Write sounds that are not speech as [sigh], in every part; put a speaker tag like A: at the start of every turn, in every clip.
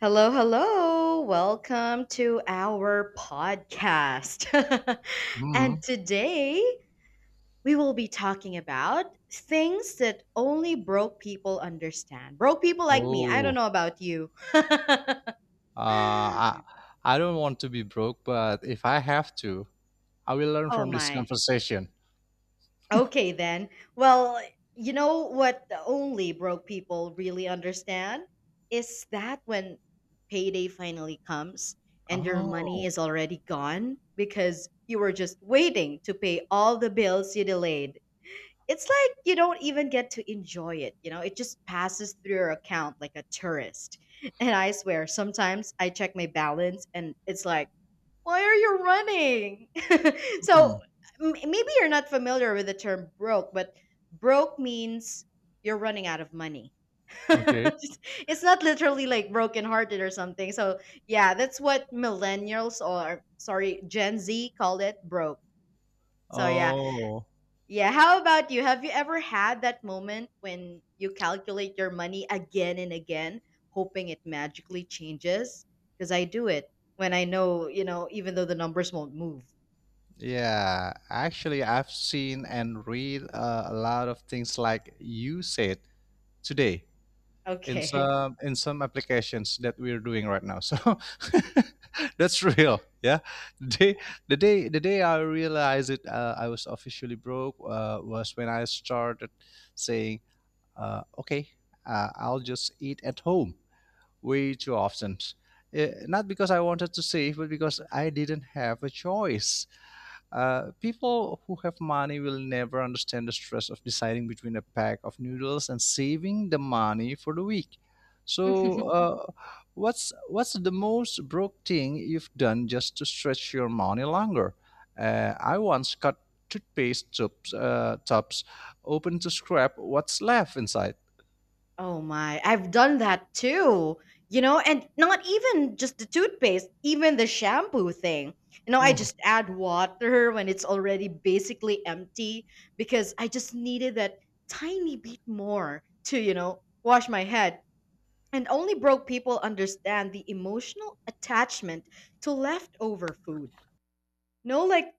A: Hello, hello. Welcome to our podcast. [laughs] And
B: Mhm.
A: today we will be talking about things that only broke people understand. Broke people like me. I don't
B: Oh,
A: know about you. [laughs]
B: uh, I, I don't want to be broke, but if I have to, I will learn
A: Oh
B: from this
A: my.
B: conversation.
A: Okay, then.
B: [laughs]
A: Well, you know what only broke people really understand? Is that when payday finally comes and your money
B: Oh,
A: is already gone because you were just waiting to pay all the bills you delayed. It's like you don't even get to enjoy it, you know? It just passes through your account like a tourist. [laughs] And I swear, sometimes I check my balance and it's like, why are you running? [laughs]
B: hmm,
A: so Maybe you're not familiar with the term broke, but broke means you're running out of money.
B: okay.
A: [laughs] It's not literally like broken-hearted or something. So yeah, that's what millennials or sorry, Gen Z called it broke. So yeah.
B: Oh,
A: Yeah, how about you? Have you ever had that moment when you calculate your money again and again, hoping it magically changes? Because I do it when I know, even though the numbers won't move.
B: yeah. Actually, I've seen and read a lot of things like you said today. in
A: Okay.
B: some in some applications that we're doing right now. So [laughs] that's real. Yeah. The day the day I realized it, I was officially broke was when I started saying, "Okay, I'll just eat at home." Way too often. Eh, not because I wanted to save, but because I didn't have a choice. People who have money will never understand the stress of deciding between a pack of noodles and saving the money for the week. So,
A: [laughs]
B: what's the most broke thing you've done just to stretch your money longer? I once cut toothpaste tubs open to scrap what's left inside.
A: Oh my, I've done that too. You know, and not even just the toothpaste, even the shampoo thing. You know, I
B: Mm.
A: just add water when it's already basically empty because I just needed that tiny bit more to, you know, wash my head. And only broke people understand the emotional attachment to leftover food. No, like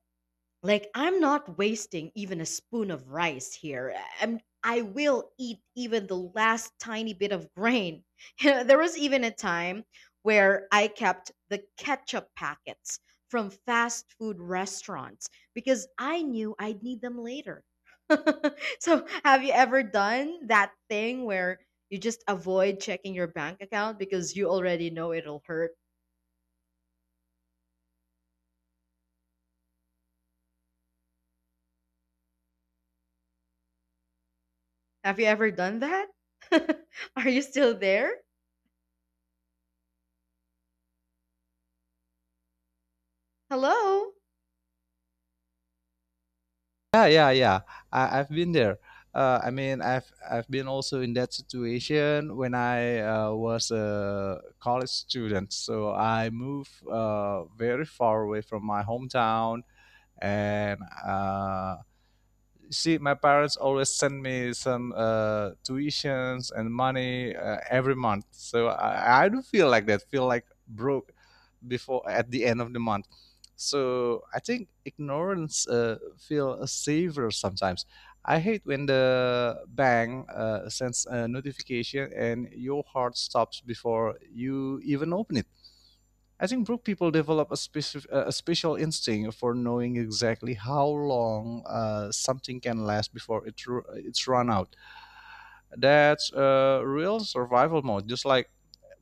A: Like I'm not wasting even a spoon of rice here. I will eat even the last tiny bit of grain. [laughs] You know, there was even a time where I kept the ketchup packets from fast food restaurants because I knew I'd need them later. [laughs] So, have you ever done that thing where you just avoid checking your bank account because you already know it'll hurt? Have you ever done that? [laughs] Are you still there? Hello?
B: Yeah, yeah, yeah. I've been there. I mean, I've been also in that situation when I was a college student. So I moved very far away from my hometown, and see, my parents always send me some tuitions and money every month. So I do feel like that, feel like broke before at the end of the month. So I think ignorance feel safer sometimes. I hate when the bank sends a notification and your heart stops before you even open it. I think broke people develop a, a special instinct for knowing exactly how long something can last before it's run out. That's a real survival mode, just like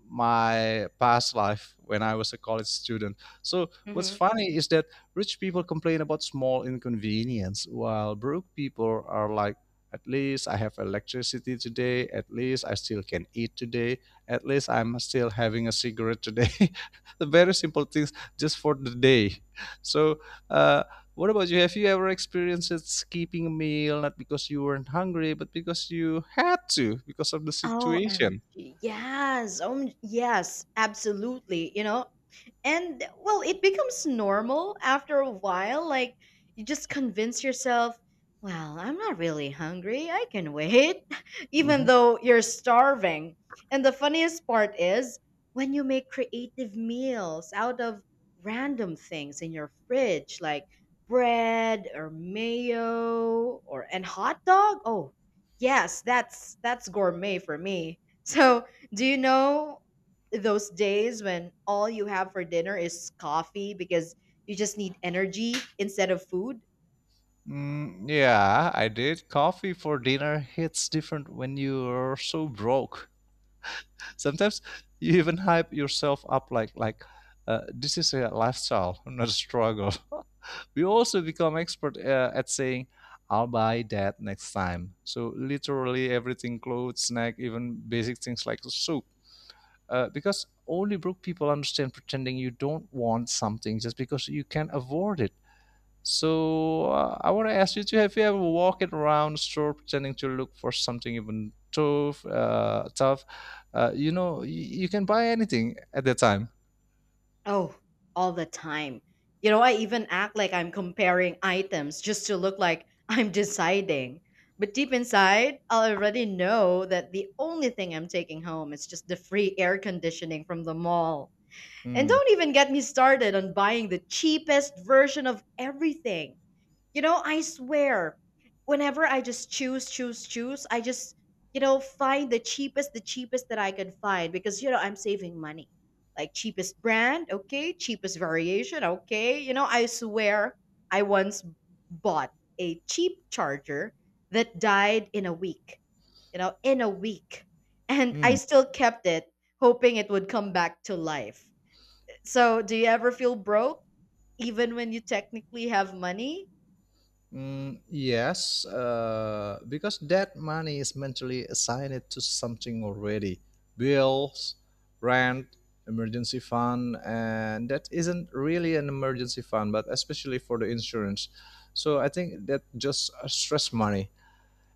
B: my past life when I was a college student. So what's
A: Mhm.
B: funny is that rich people complain about small inconvenience, while broke people are like, at least I have electricity today. At least I still can eat today. At least I'm still having a cigarette today. [laughs] The very simple things just for the day. So uh, what about you? Have you ever experienced skipping a meal not because you weren't hungry, but because you had to because of the situation?
A: OMG. Yes. Yes, absolutely. You know, and well, it becomes normal after a while. Like, you just convince yourself, well, I'm not really hungry. I can wait, [laughs] even
B: Hmm.
A: though you're starving. And the funniest part is when you make creative meals out of random things in your fridge, like bread or mayo or and hot dog. Oh, yes, that's gourmet for me. [laughs] So, do you know those days when all you have for dinner is coffee because you just need energy instead of food?
B: Mm, yeah, I did. Coffee for dinner hits different when you're so broke. Sometimes you even hype yourself up like this is a lifestyle, not a struggle. [laughs] We also become expert at saying, "I'll buy that next time." So literally everything, clothes, snack, even basic things like soup, because only broke people understand pretending you don't want something just because you can afford it. So I want to ask you: Do have you ever walked around the store pretending to look for something even tough? You know, you can buy anything at that time.
A: Oh, all the time. You know, I even act like I'm comparing items just to look like [laughs] I'm deciding. But deep inside, I already know that the only thing I'm taking home is just the free air conditioning from the mall. And
B: Hmm.
A: don't even get me started on buying the cheapest version of everything. You know, I swear, whenever I just choose, choose, choose, I just, you know, find the cheapest that I can find because, you know, I'm saving money. Like cheapest brand, okay, cheapest variation, okay. You know, I swear I once bought a cheap charger that died in a week, you know, in a week. And I
B: Hmm.
A: still kept it, hoping it would come back to life. So, do you ever feel broke even when you technically have money?
B: Mm, yes, because that money is mentally assigned to something already: bills, rent, emergency fund, and that isn't really an emergency fund, but especially for the insurance. So I think that just stress money,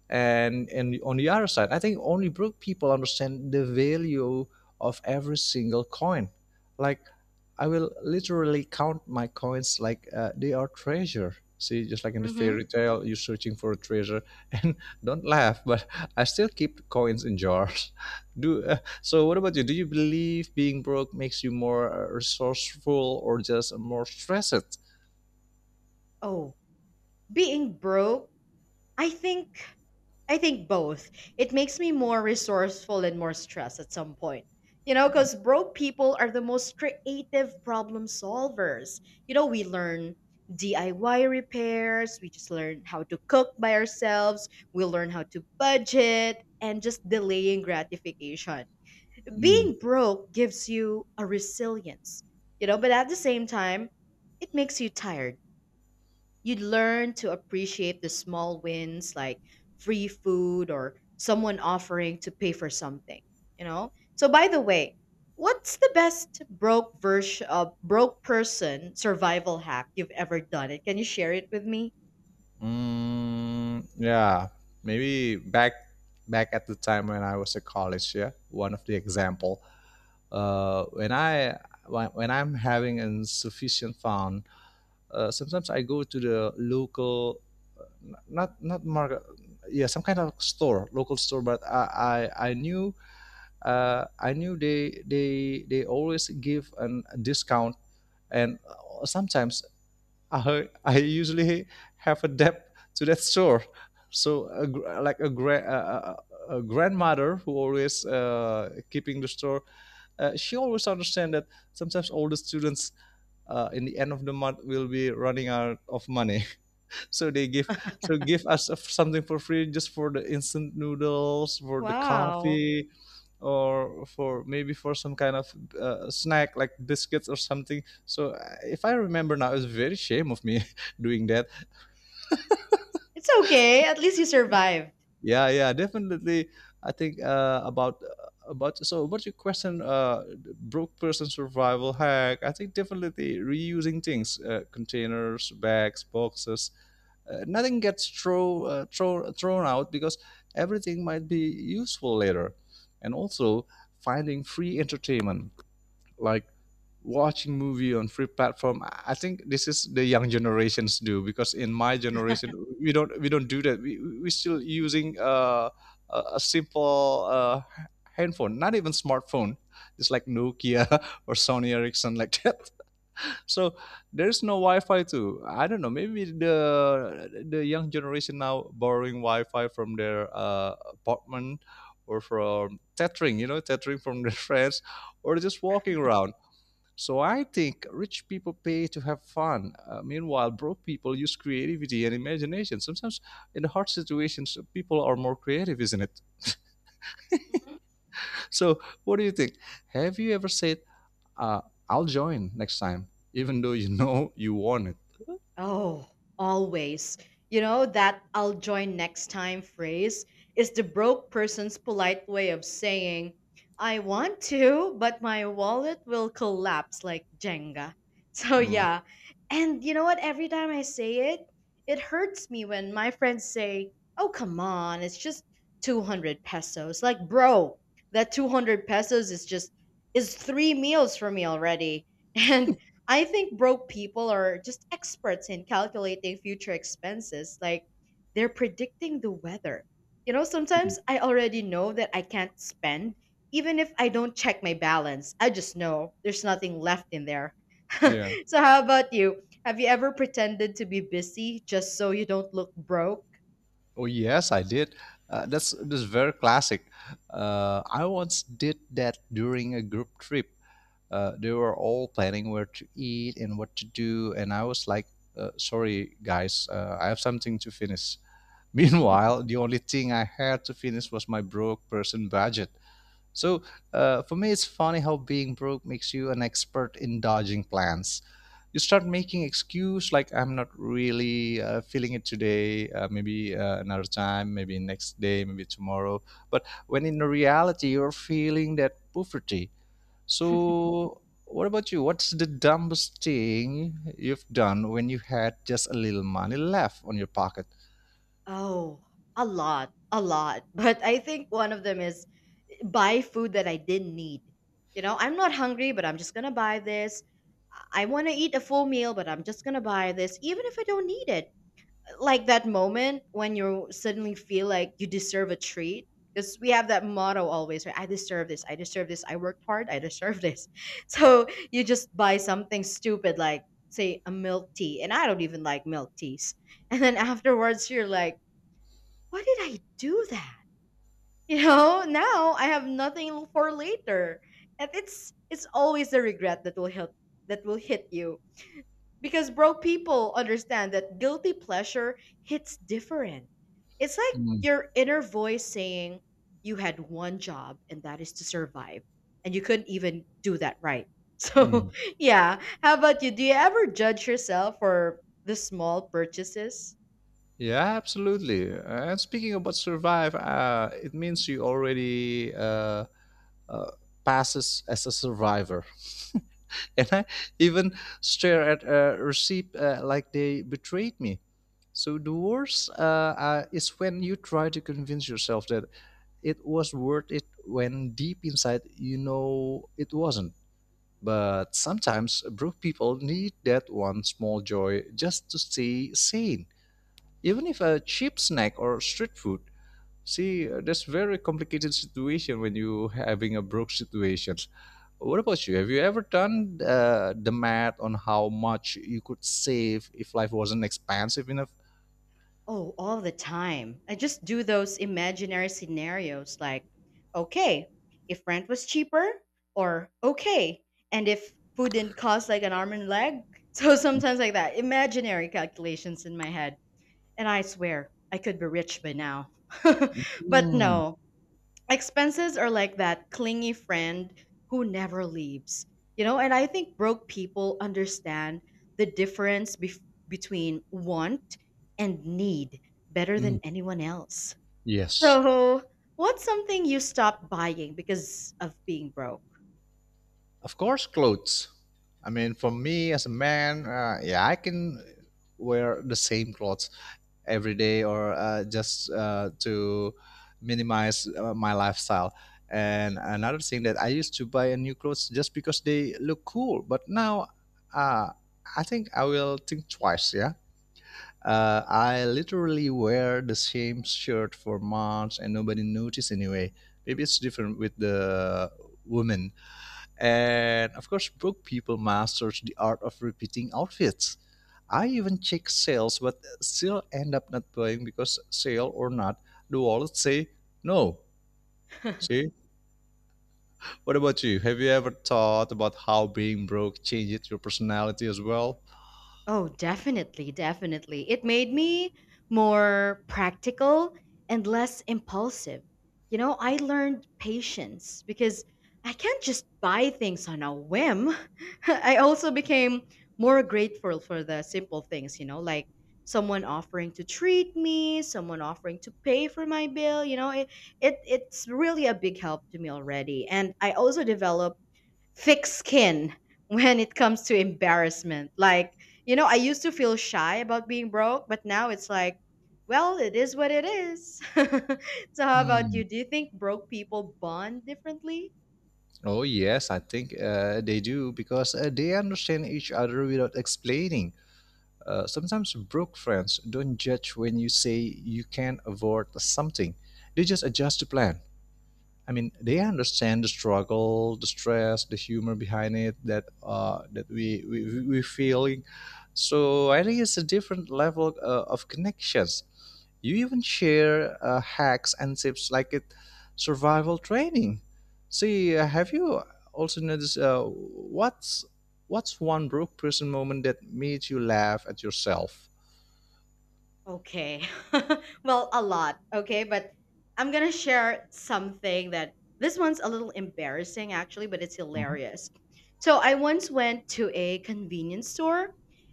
B: and on the other side, I think only broke people understand the value of every single coin. Like, I will literally count my coins like they are treasure. See, just like in the fairy tale, you're searching for a treasure. [laughs] And don't laugh, but I still keep coins in jars. [laughs] do So what about you? Do you believe being broke makes you more resourceful or just more stressed?
A: Oh, being broke, I think I think both. It makes me more resourceful and more stressed at some point. You know, because broke people are the most creative problem solvers. You know, we learn DIY repairs, we just learn how to cook by ourselves, we learn how to budget, and just delaying gratification. Being broke gives you a resilience, you know, but at the same time, it makes you tired. You'd learn to appreciate the small wins like free food or someone offering to pay for something, you know? So by the way, what's the best broke version broke person survival hack you've ever done? It can you share it with me?
B: Mm, yeah, maybe back at the time when I was at college. Yeah, one of the example. Uh, when I when I'm having insufficient fund, sometimes I go to the local, not market, yeah, some kind of store, local store. But I knew they always give an, a discount, and sometimes I usually have a debt to that store. So a, gr- like a, gra- a grandmother who always keeping the store, she always understand that sometimes all the students in the end of the month will be running out of money, so they give, so give us something for free, just for the instant noodles, for the
A: Wow.
B: coffee, or for maybe for some kind of snack like biscuits or something. So if I remember now, it's very shame of me [laughs] doing that.
A: It's okay. At least you survived.
B: Yeah, yeah, definitely. I think about your question, broke person survival hack, I think definitely reusing things, containers, bags, boxes. Nothing gets thrown out because everything might be useful later. And also, finding free entertainment, like watching movie on free platform. I think this is the young generations do, because in my generation we don't do that. We still using a simple handphone, not even smartphone. It's like Nokia [laughs] or Sony Ericsson, like that. So there's no Wi-Fi too. I don't know. Maybe the young generation now borrowing Wi-Fi from their apartment or from tethering, you know, tethering from their [laughs] friends, or just walking around. So I think rich people pay to have fun. Meanwhile, broke people use creativity and imagination. Sometimes in hard situations, people are more creative, isn't it? [laughs] So what do you think? Have you ever said uh, I'll join next time, even though you know you want it.
A: Oh, always. You know, that I'll join next time phrase is the broke person's polite way of saying, I want to, but my wallet will collapse like Jenga. [laughs] So,
B: Mm.
A: yeah. And you know what? Every time I say it, it hurts me when my friends say, oh, come on, it's just 200 pesos. Like, bro, that 200 pesos is just, is three meals for me already. [laughs] And I think broke people are just experts in calculating future expenses. Like they're predicting the weather. You know,
B: Mm.
A: sometimes I already know that I can't spend, even if I don't check my balance. I just know there's nothing left in there. [laughs]
B: Yeah.
A: So, how about you? Have you ever pretended to be busy just so you don't look broke?
B: Oh yes, I did. That's very classic. I once did that during a group trip. Uh, they were all planning where to eat and what to do, and I was like, "Sorry, guys, I have something to finish." [laughs] Meanwhile, the only thing I had to finish was my broke person budget. So for me, it's funny how being broke makes you an expert in dodging plans. You start making excuse like I'm not really feeling it today, maybe another time, maybe next day, maybe tomorrow. But when in reality you're feeling that poverty, so, what about you? What's the dumbest thing you've done when you had just a little money left on your pocket?
A: Oh, a lot, a lot. [laughs] But I think one of them is buy food that I didn't need. You know, I'm not hungry, but I'm just gonna buy this. I want to eat a full meal, but I'm just gonna buy this, even if I don't need it. Like that moment when you suddenly feel like you deserve a treat, because we have that motto always, right? I deserve this. I deserve this. I worked hard. I deserve this. [laughs] So you just buy something stupid, like say a milk tea, and I don't even like milk teas. And then afterwards, you're like, why did I do that? You know, now I have nothing for later. And it's always the regret that will hit you. Because broke people understand that guilty pleasure hits different. It's like
B: Mm,
A: your inner voice saying you had one job and that is to survive. And you couldn't even do that right. [laughs]
B: mm.
A: So yeah. How about you? Do you ever judge yourself for the small purchases?
B: Yeah, absolutely. And speaking about survive, it means you already uh, passes as a survivor. [laughs] And I even stare at a receipt like they betrayed me. So the worst is when you try to convince yourself that it was worth it when deep inside you know it wasn't. But sometimes broke people need that one small joy just to stay sane. Even if a cheap snack or street food. See, that's very complicated situation when you having a broke situation. What about you? Have you ever done the math on how much you could save if life wasn't expensive enough?
A: Oh, all the time. I just do those imaginary scenarios like, okay, if rent was cheaper, or okay, and if food didn't cost like an arm and leg. [laughs] So sometimes like that, imaginary calculations in my head. And I swear, I could be rich by now. [laughs] But
B: Hmm.
A: no, expenses are like that clingy friend who never leaves. You know, and I think broke people understand the difference bef between want and need better than
B: Mm,
A: anyone else.
B: yes.
A: So, what's something you stopped buying because of being broke?
B: Of course, clothes. I mean, for me as a man, yeah, I can wear the same clothes every day, or just to minimize my lifestyle. And another thing that I used to buy a new clothes just because they look cool, but now uh, I think I will think twice. Yeah, I literally wear the same shirt for months and nobody noticed anyway. Maybe it's different with the women. And of course, broke people masters the art of repeating outfits. I even check sales, but still end up not buying because sale or not, the wallet say no.
A: [laughs]
B: See, what about you? Have you ever thought about how being broke changes your personality as well?
A: Oh, definitely, definitely. It made me more practical and less impulsive. You know, I learned patience because I can't just buy things on a whim. [laughs] I also became more grateful for the simple things, you know, like someone offering to treat me, someone offering to pay for my bill, you know, it's really a big help to me already. And I also developed thick skin when it comes to embarrassment. Like, you know, I used to feel shy about being broke, but now it's like, well, it is what it is. [laughs] So, how about
B: Hmm.
A: you? Do you think broke people bond differently?
B: Oh yes, I think they do because they understand each other without explaining. Sometimes broke friends don't judge when you say you can not afford something. They just adjust the plan. I mean, they understand the struggle, the stress, the humor behind it that that we feeling. So I think it's a different level of connections. You even share hacks and tips like it survival training. See, have you also noticed what's one broke person moment that made you laugh at yourself?
A: Okay. [laughs] Well, a lot. Okay. But I'm going to share something that this one's a little embarrassing, actually, but it's
B: Mhm.
A: hilarious. So, I once went to a convenience store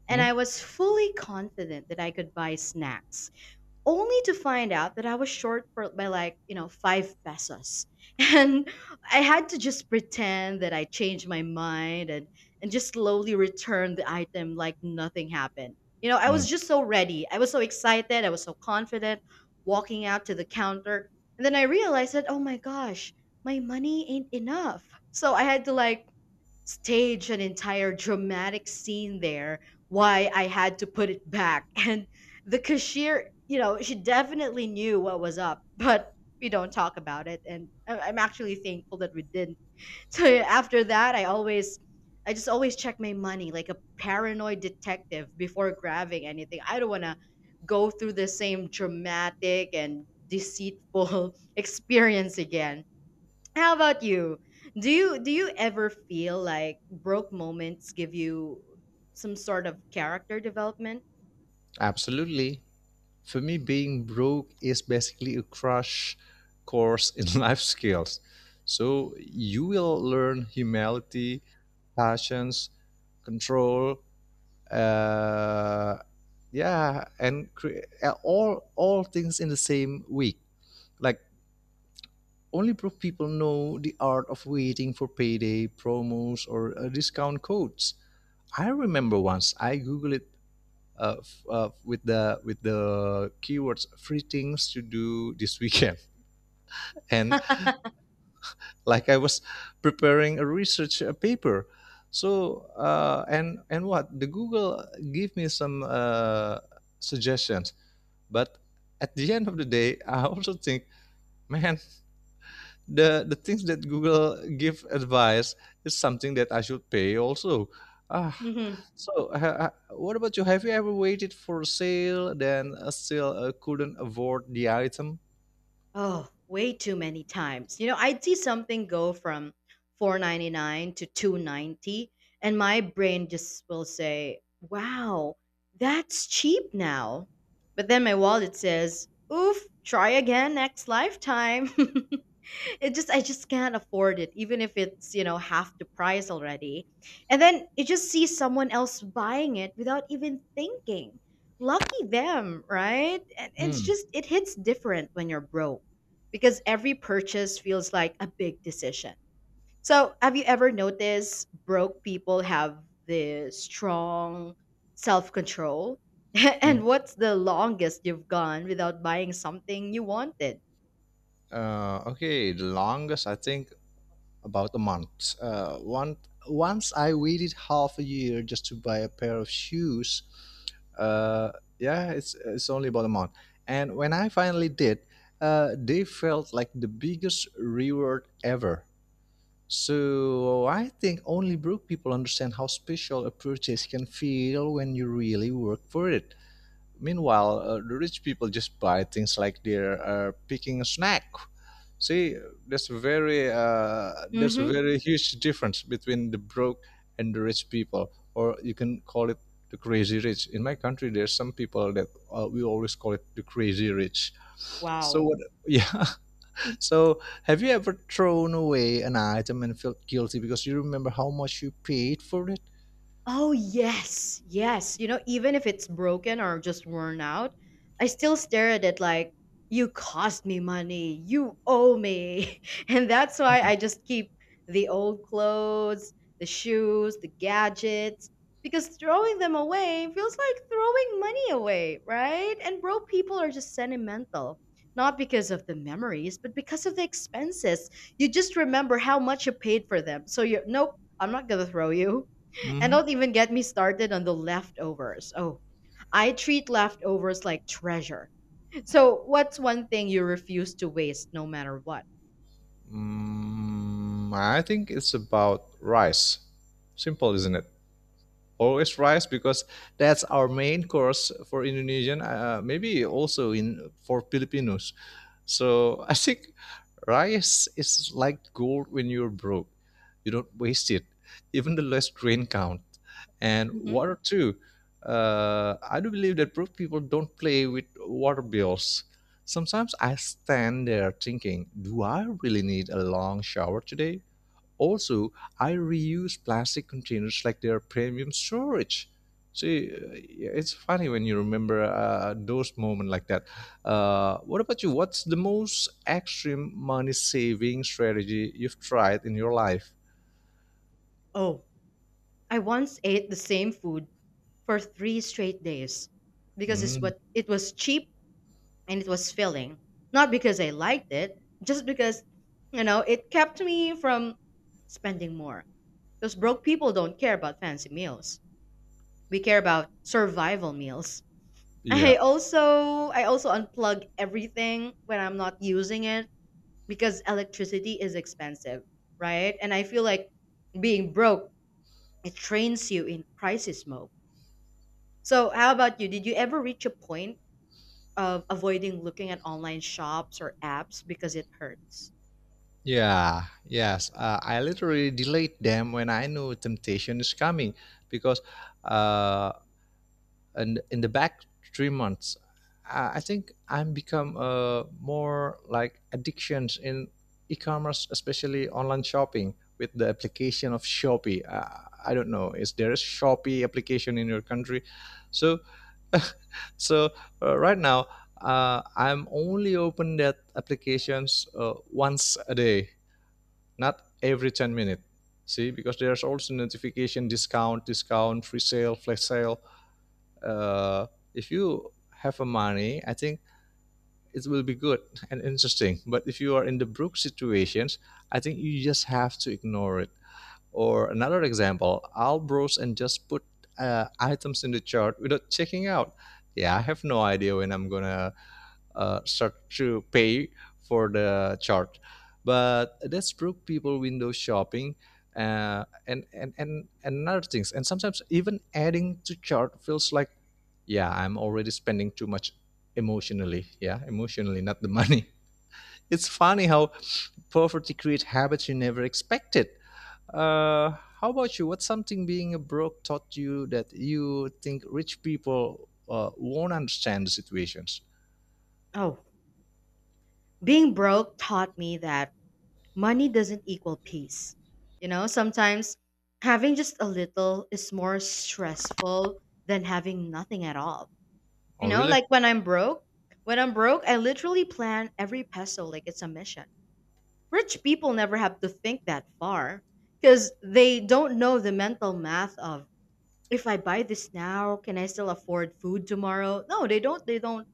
A: and
B: Hmm?
A: I was fully confident that I could buy snacks only to find out that I was short for by like, you know, five pesos. [laughs] And I had to just pretend that I changed my mind and just slowly return the item like nothing happened. You know, I was
B: Mm,
A: just so ready. I was so excited. I was so confident walking out to the counter. And then I realized that, oh my gosh, my money ain't enough. So I had to like stage an entire dramatic scene there why I had to put it back. [laughs] And the cashier, you know, she definitely knew what was up, but we don't talk about it. And I'm actually thankful that we didn't. [laughs] So yeah, after that, I just always check my money like a paranoid detective before grabbing anything. I don't want to go through the same dramatic and deceitful [laughs] experience again. How about you? Do you ever feel like broke moments give you some sort of character development?
B: absolutely. For me, being broke is basically a crash course in [laughs] life skills. So you will learn humility, patience, control, uh, yeah, and all things in the same week. Like, only broke people know the art of waiting for payday promos or discount codes. I remember once I googled with the keywords free things to do this weekend [laughs] and like I was preparing a research paper. So and what the Google gave me some suggestions, but at the end of the day I also think, man, the things that Google give advice is something that I should pay also. Ah,
A: [laughs]
B: so ha, what about you? Have you ever waited for a sale then still couldn't afford the item?
A: Oh, way too many times. You know, I'd see something go from 499 to 290 and my brain just will say, "Wow, that's cheap now." But then my wallet says, "Oof, try again next lifetime." [laughs] it just I just can't afford it even if it's, you know, half the price already. And then you just see someone else buying it without even thinking. Lucky them, right? And it's
B: Hmm.
A: just it hits different when you're broke because every purchase feels like a big decision. So, have you ever noticed broke people have the strong self control? [laughs]
B: hmm.
A: And what's the longest you've gone without buying something you wanted?
B: Okay, the longest I think about a month. Uh, one, Once I waited half a year just to buy a pair of shoes. Uh, yeah, it's only about a month. And when I finally did, they felt like the biggest reward ever. So I think only broke people understand how special a purchase can feel when you really work for it. Meanwhile, the rich people just buy things like they're picking a snack. See, there's a
A: Mm-hmm.
B: very huge difference between the broke and the rich people, or you can call it the crazy rich. In my country, there's some people that we always call it the crazy rich. So
A: Wow.
B: what? [laughs] Yeah. So have you ever thrown away an item and felt guilty because you remember how much you paid for it?
A: Oh, yes. Yes. You know, even if it's broken or just worn out, I still stare at it like, you cost me money. You owe me. [laughs] And that's why I just keep the old clothes, the shoes, the gadgets, because throwing them away feels like throwing money away, right? And broke people are just sentimental. Not because of the memories, but because of the expenses. You just remember how much you paid for them. So you, nope, I'm not gonna throw you. And
B: hmm
A: don't even get me started on the leftovers. Oh, I treat leftovers like treasure. So, what's one thing you refuse to waste no matter what?
B: Mm, I think it's about rice. Simple, isn't it? Always rice because that's our main course for Indonesian. Maybe also in for Filipinos. So I think rice is like gold when you're broke. You don't waste it, even the less grain count. And
A: Hmm.
B: water too. I do believe that broke people don't play with water bills. Sometimes I stand there thinking, do I really need a long shower today? Also, I reuse plastic containers like they're premium storage. See, uh, it's funny when you remember those moments like that. What about you? What's the most extreme money saving strategy you've tried in your life?
A: Oh, I once ate the same food for three straight days because
B: Mm,
A: it was cheap and it was filling. Not because I liked it, just because you know it kept me from spending more. Because broke people don't care about fancy meals. We care about survival meals. I
B: yeah.
A: also I also unplug everything when I'm not using it because electricity is expensive, right? And I feel like being broke, it trains you in crisis mode. So how about you? Did you ever reach a point of avoiding looking at online shops or apps because it hurts?
B: Yeah, yes. I literally delete them when I know temptation is coming because uh, and in the back 3 months I think I'm become more like addictions in e-commerce, especially online shopping with the application of Shopee. I don't know, is there a Shopee application in your country? So so uh, right now uh, I'm only open that applications uh, once a day, not every 10 minutes. See, because there's also notification discount free sale flash sale. uh, if you have a money, I think it will be good and interesting. But if you are in the broke situations, I think you just have to ignore it. Or another example, I'll browse and just put items in the chart without checking out. Yeah, I have no idea when I'm gonna start to pay for the chart. But that's broke people window shopping, and other things. And sometimes even adding to chart feels like, yeah, I'm already spending too much emotionally. Yeah, emotionally, not the money. [laughs] It's funny how poverty creates habits you never expected. Uh, how about you? What's something being a broke taught you that you think rich people won't understand the situations?
A: Oh, being broke taught me that money doesn't equal peace. You know, sometimes having just a little is more stressful than having nothing at all. You
B: Oh,
A: know,
B: really?
A: like when I'm broke, I literally plan every peso like it's a mission. Rich people never have to think that far because they don't know the mental math of if I buy this now, can I still afford food tomorrow? No, they don't they don't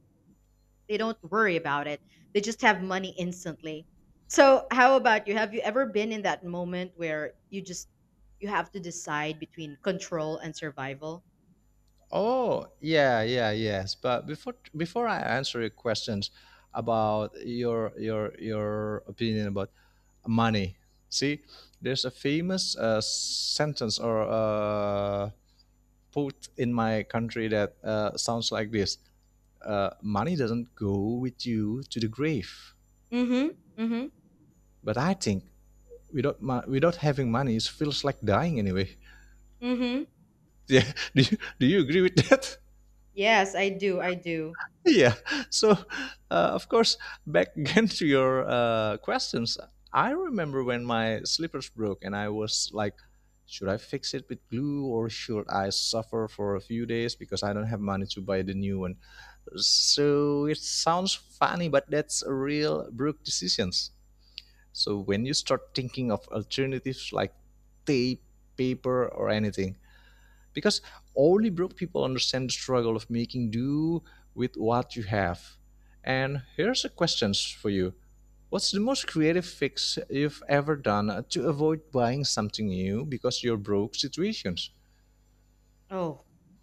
A: they don't worry about it. They just have money instantly. So, how about you? Have you ever been in that moment where you have to decide between control and survival?
B: Oh, yeah, yeah, yes. But before I answer your questions about your opinion about money, see, there's a famous sentence or quote in my country that sounds like this: "Money doesn't go with you to the grave."
A: Mhm. Mhm.
B: But I think without having money, it feels like dying anyway. [laughs]
A: Mhm.
B: Yeah, do you agree with that?
A: Yes, I do. I do.
B: [laughs] Yeah. So of course, back [laughs] again to your questions. I remember when my slippers broke and I was like, should I fix it with glue or should I suffer for a few days because I don't have money to buy the new one? So it sounds funny, but that's a real broke decisions. So when you start thinking of alternatives like tape, paper or anything, because only broke people understand the struggle of making do with what you have. And here's a question for you. What's the most creative fix you've ever done to avoid buying something new because you're broke situations?
A: Oh,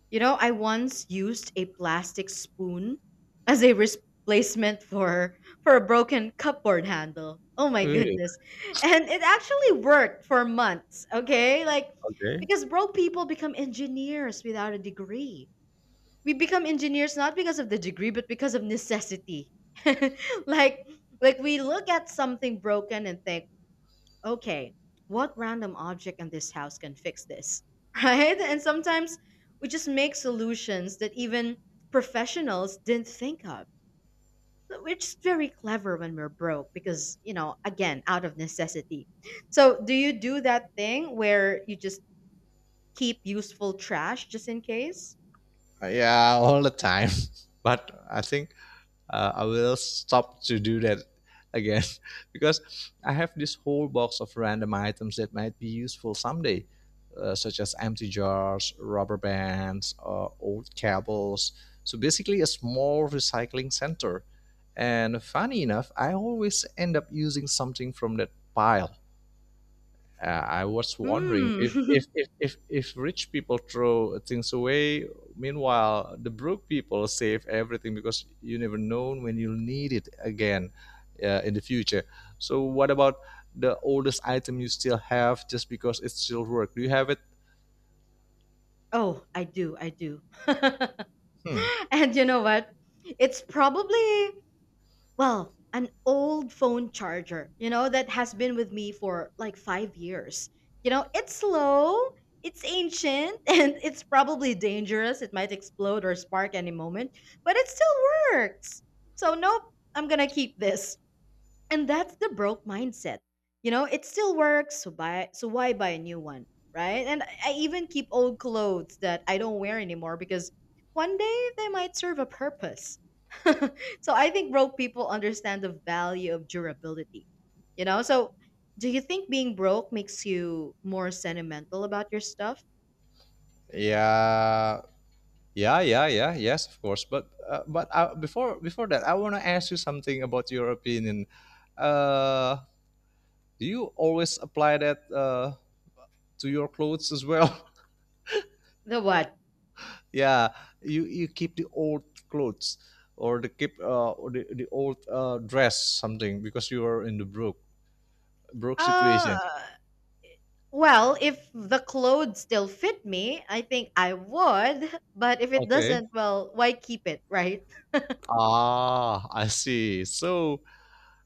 A: you know, I once used a plastic spoon [laughs] as a replacement for a broken cupboard handle. Oh my
B: Eh,
A: goodness. And it actually worked for months, okay? Like,
B: okay.
A: because broke people become engineers without a degree. We become engineers not because of the degree but because of necessity. [laughs] Like, we look at something broken and think, okay, what random object in this house can fix this? [laughs] Right? And sometimes we just make solutions that even professionals didn't think of. But we're just very clever when we're broke because, you know, again, out of necessity. So, do you do that thing where you just keep useful trash just in case?
B: Yeah, all the time. [laughs] But I think I will stop to do that again [laughs] because I have this whole box of random items that might be useful someday, such as empty jars, rubber bands, old cables. So basically, a small recycling center. And funny enough, I always end up using something from that pile. I was wondering
A: Hmm.
B: if if,
A: [laughs]
B: if, if if rich people throw things away, meanwhile the broke people save everything because you never know when you'll need it again in the future. So what about the oldest item you still have just because it still works? Do you have it?
A: Oh, I do. I do.
B: Hmm.
A: [laughs] And you know what? It's probably Well, an old phone charger, you know, that has been with me for like 5 years. You know, it's slow, it's ancient, [laughs] and it's probably dangerous. It might explode or spark any moment, but it still works. So, nope, I'm gonna keep this. And that's the broke mindset. You know, it still works, so why buy a new one, right? And I even keep old clothes that I don't wear anymore because one day they might serve a purpose. [laughs] So I think broke people understand the value of durability. You know, so do you think being broke makes you more sentimental about your stuff?
B: Yeah. Yeah, yeah, yeah, yes, of course. But before that, I want to ask you something about your opinion. Uh, do you always apply that? To your clothes as well?
A: The what?
B: [laughs] Yeah, you keep the old clothes, or the old dress something because you are in the broke
A: Uh
B: situation?
A: Well, if the clothes still fit me, I think I would. But if it
B: Okay,
A: doesn't, well, why keep it, right?
B: ah, I see. So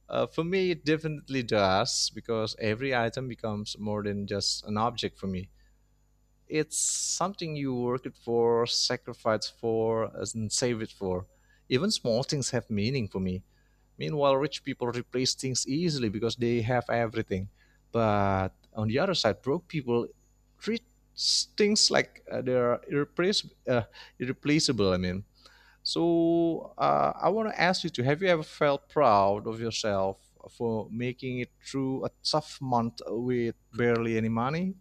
B: for me it definitely does because every item becomes more than just an object for me. It's something you work it for, sacrifice for and save it for. Even small things have meaning for me. Meanwhile, rich people replace things easily because they have everything. But on the other side, broke people treat things like they are irreplaceable. I mean, so I want to ask you to, have you ever felt proud of yourself for making it through a tough month with barely any money?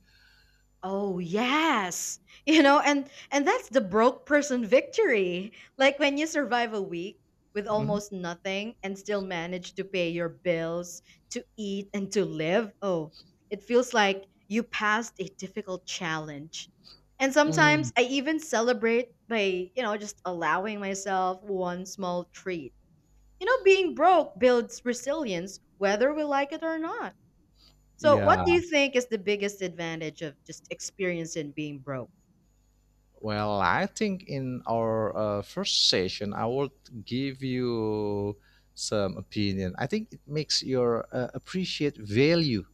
A: Oh, yes. You know, and that's the broke person victory. Like when you survive a week with
B: Mhm.
A: almost nothing and still manage to pay your bills, to eat and to live. Oh, it feels like you passed a difficult challenge. And sometimes
B: Mm.
A: I even celebrate by, you know, just allowing myself one small treat. You know, being broke builds resilience, whether we like it or not. So, what
B: Yeah,
A: do you think is the biggest advantage of just experiencing being broke?
B: well, I think in our first session, I will give you some opinion. I think it makes your appreciate value,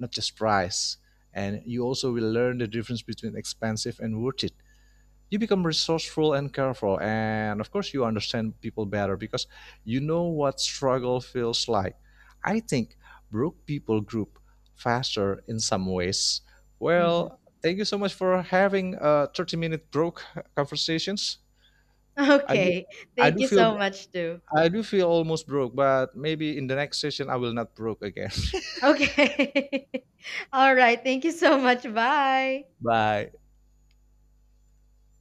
B: not just price, and you also will learn the difference between expensive and worth it. You become resourceful and careful, and of course you understand people better because you know what struggle feels like. I think broke people group faster in some ways.
A: Hmm.
B: Well, thank you so much for having a 30-minute broke conversations.
A: [laughs]
B: i do
A: Okay.
B: i
A: Thank
B: do
A: you
B: feel
A: so much, too.
B: I do feel almost broke, but maybe in the next session I will not broke again.
A: Okay. [laughs] All right. Thank you so much. Bye.
B: [laughs] Bye.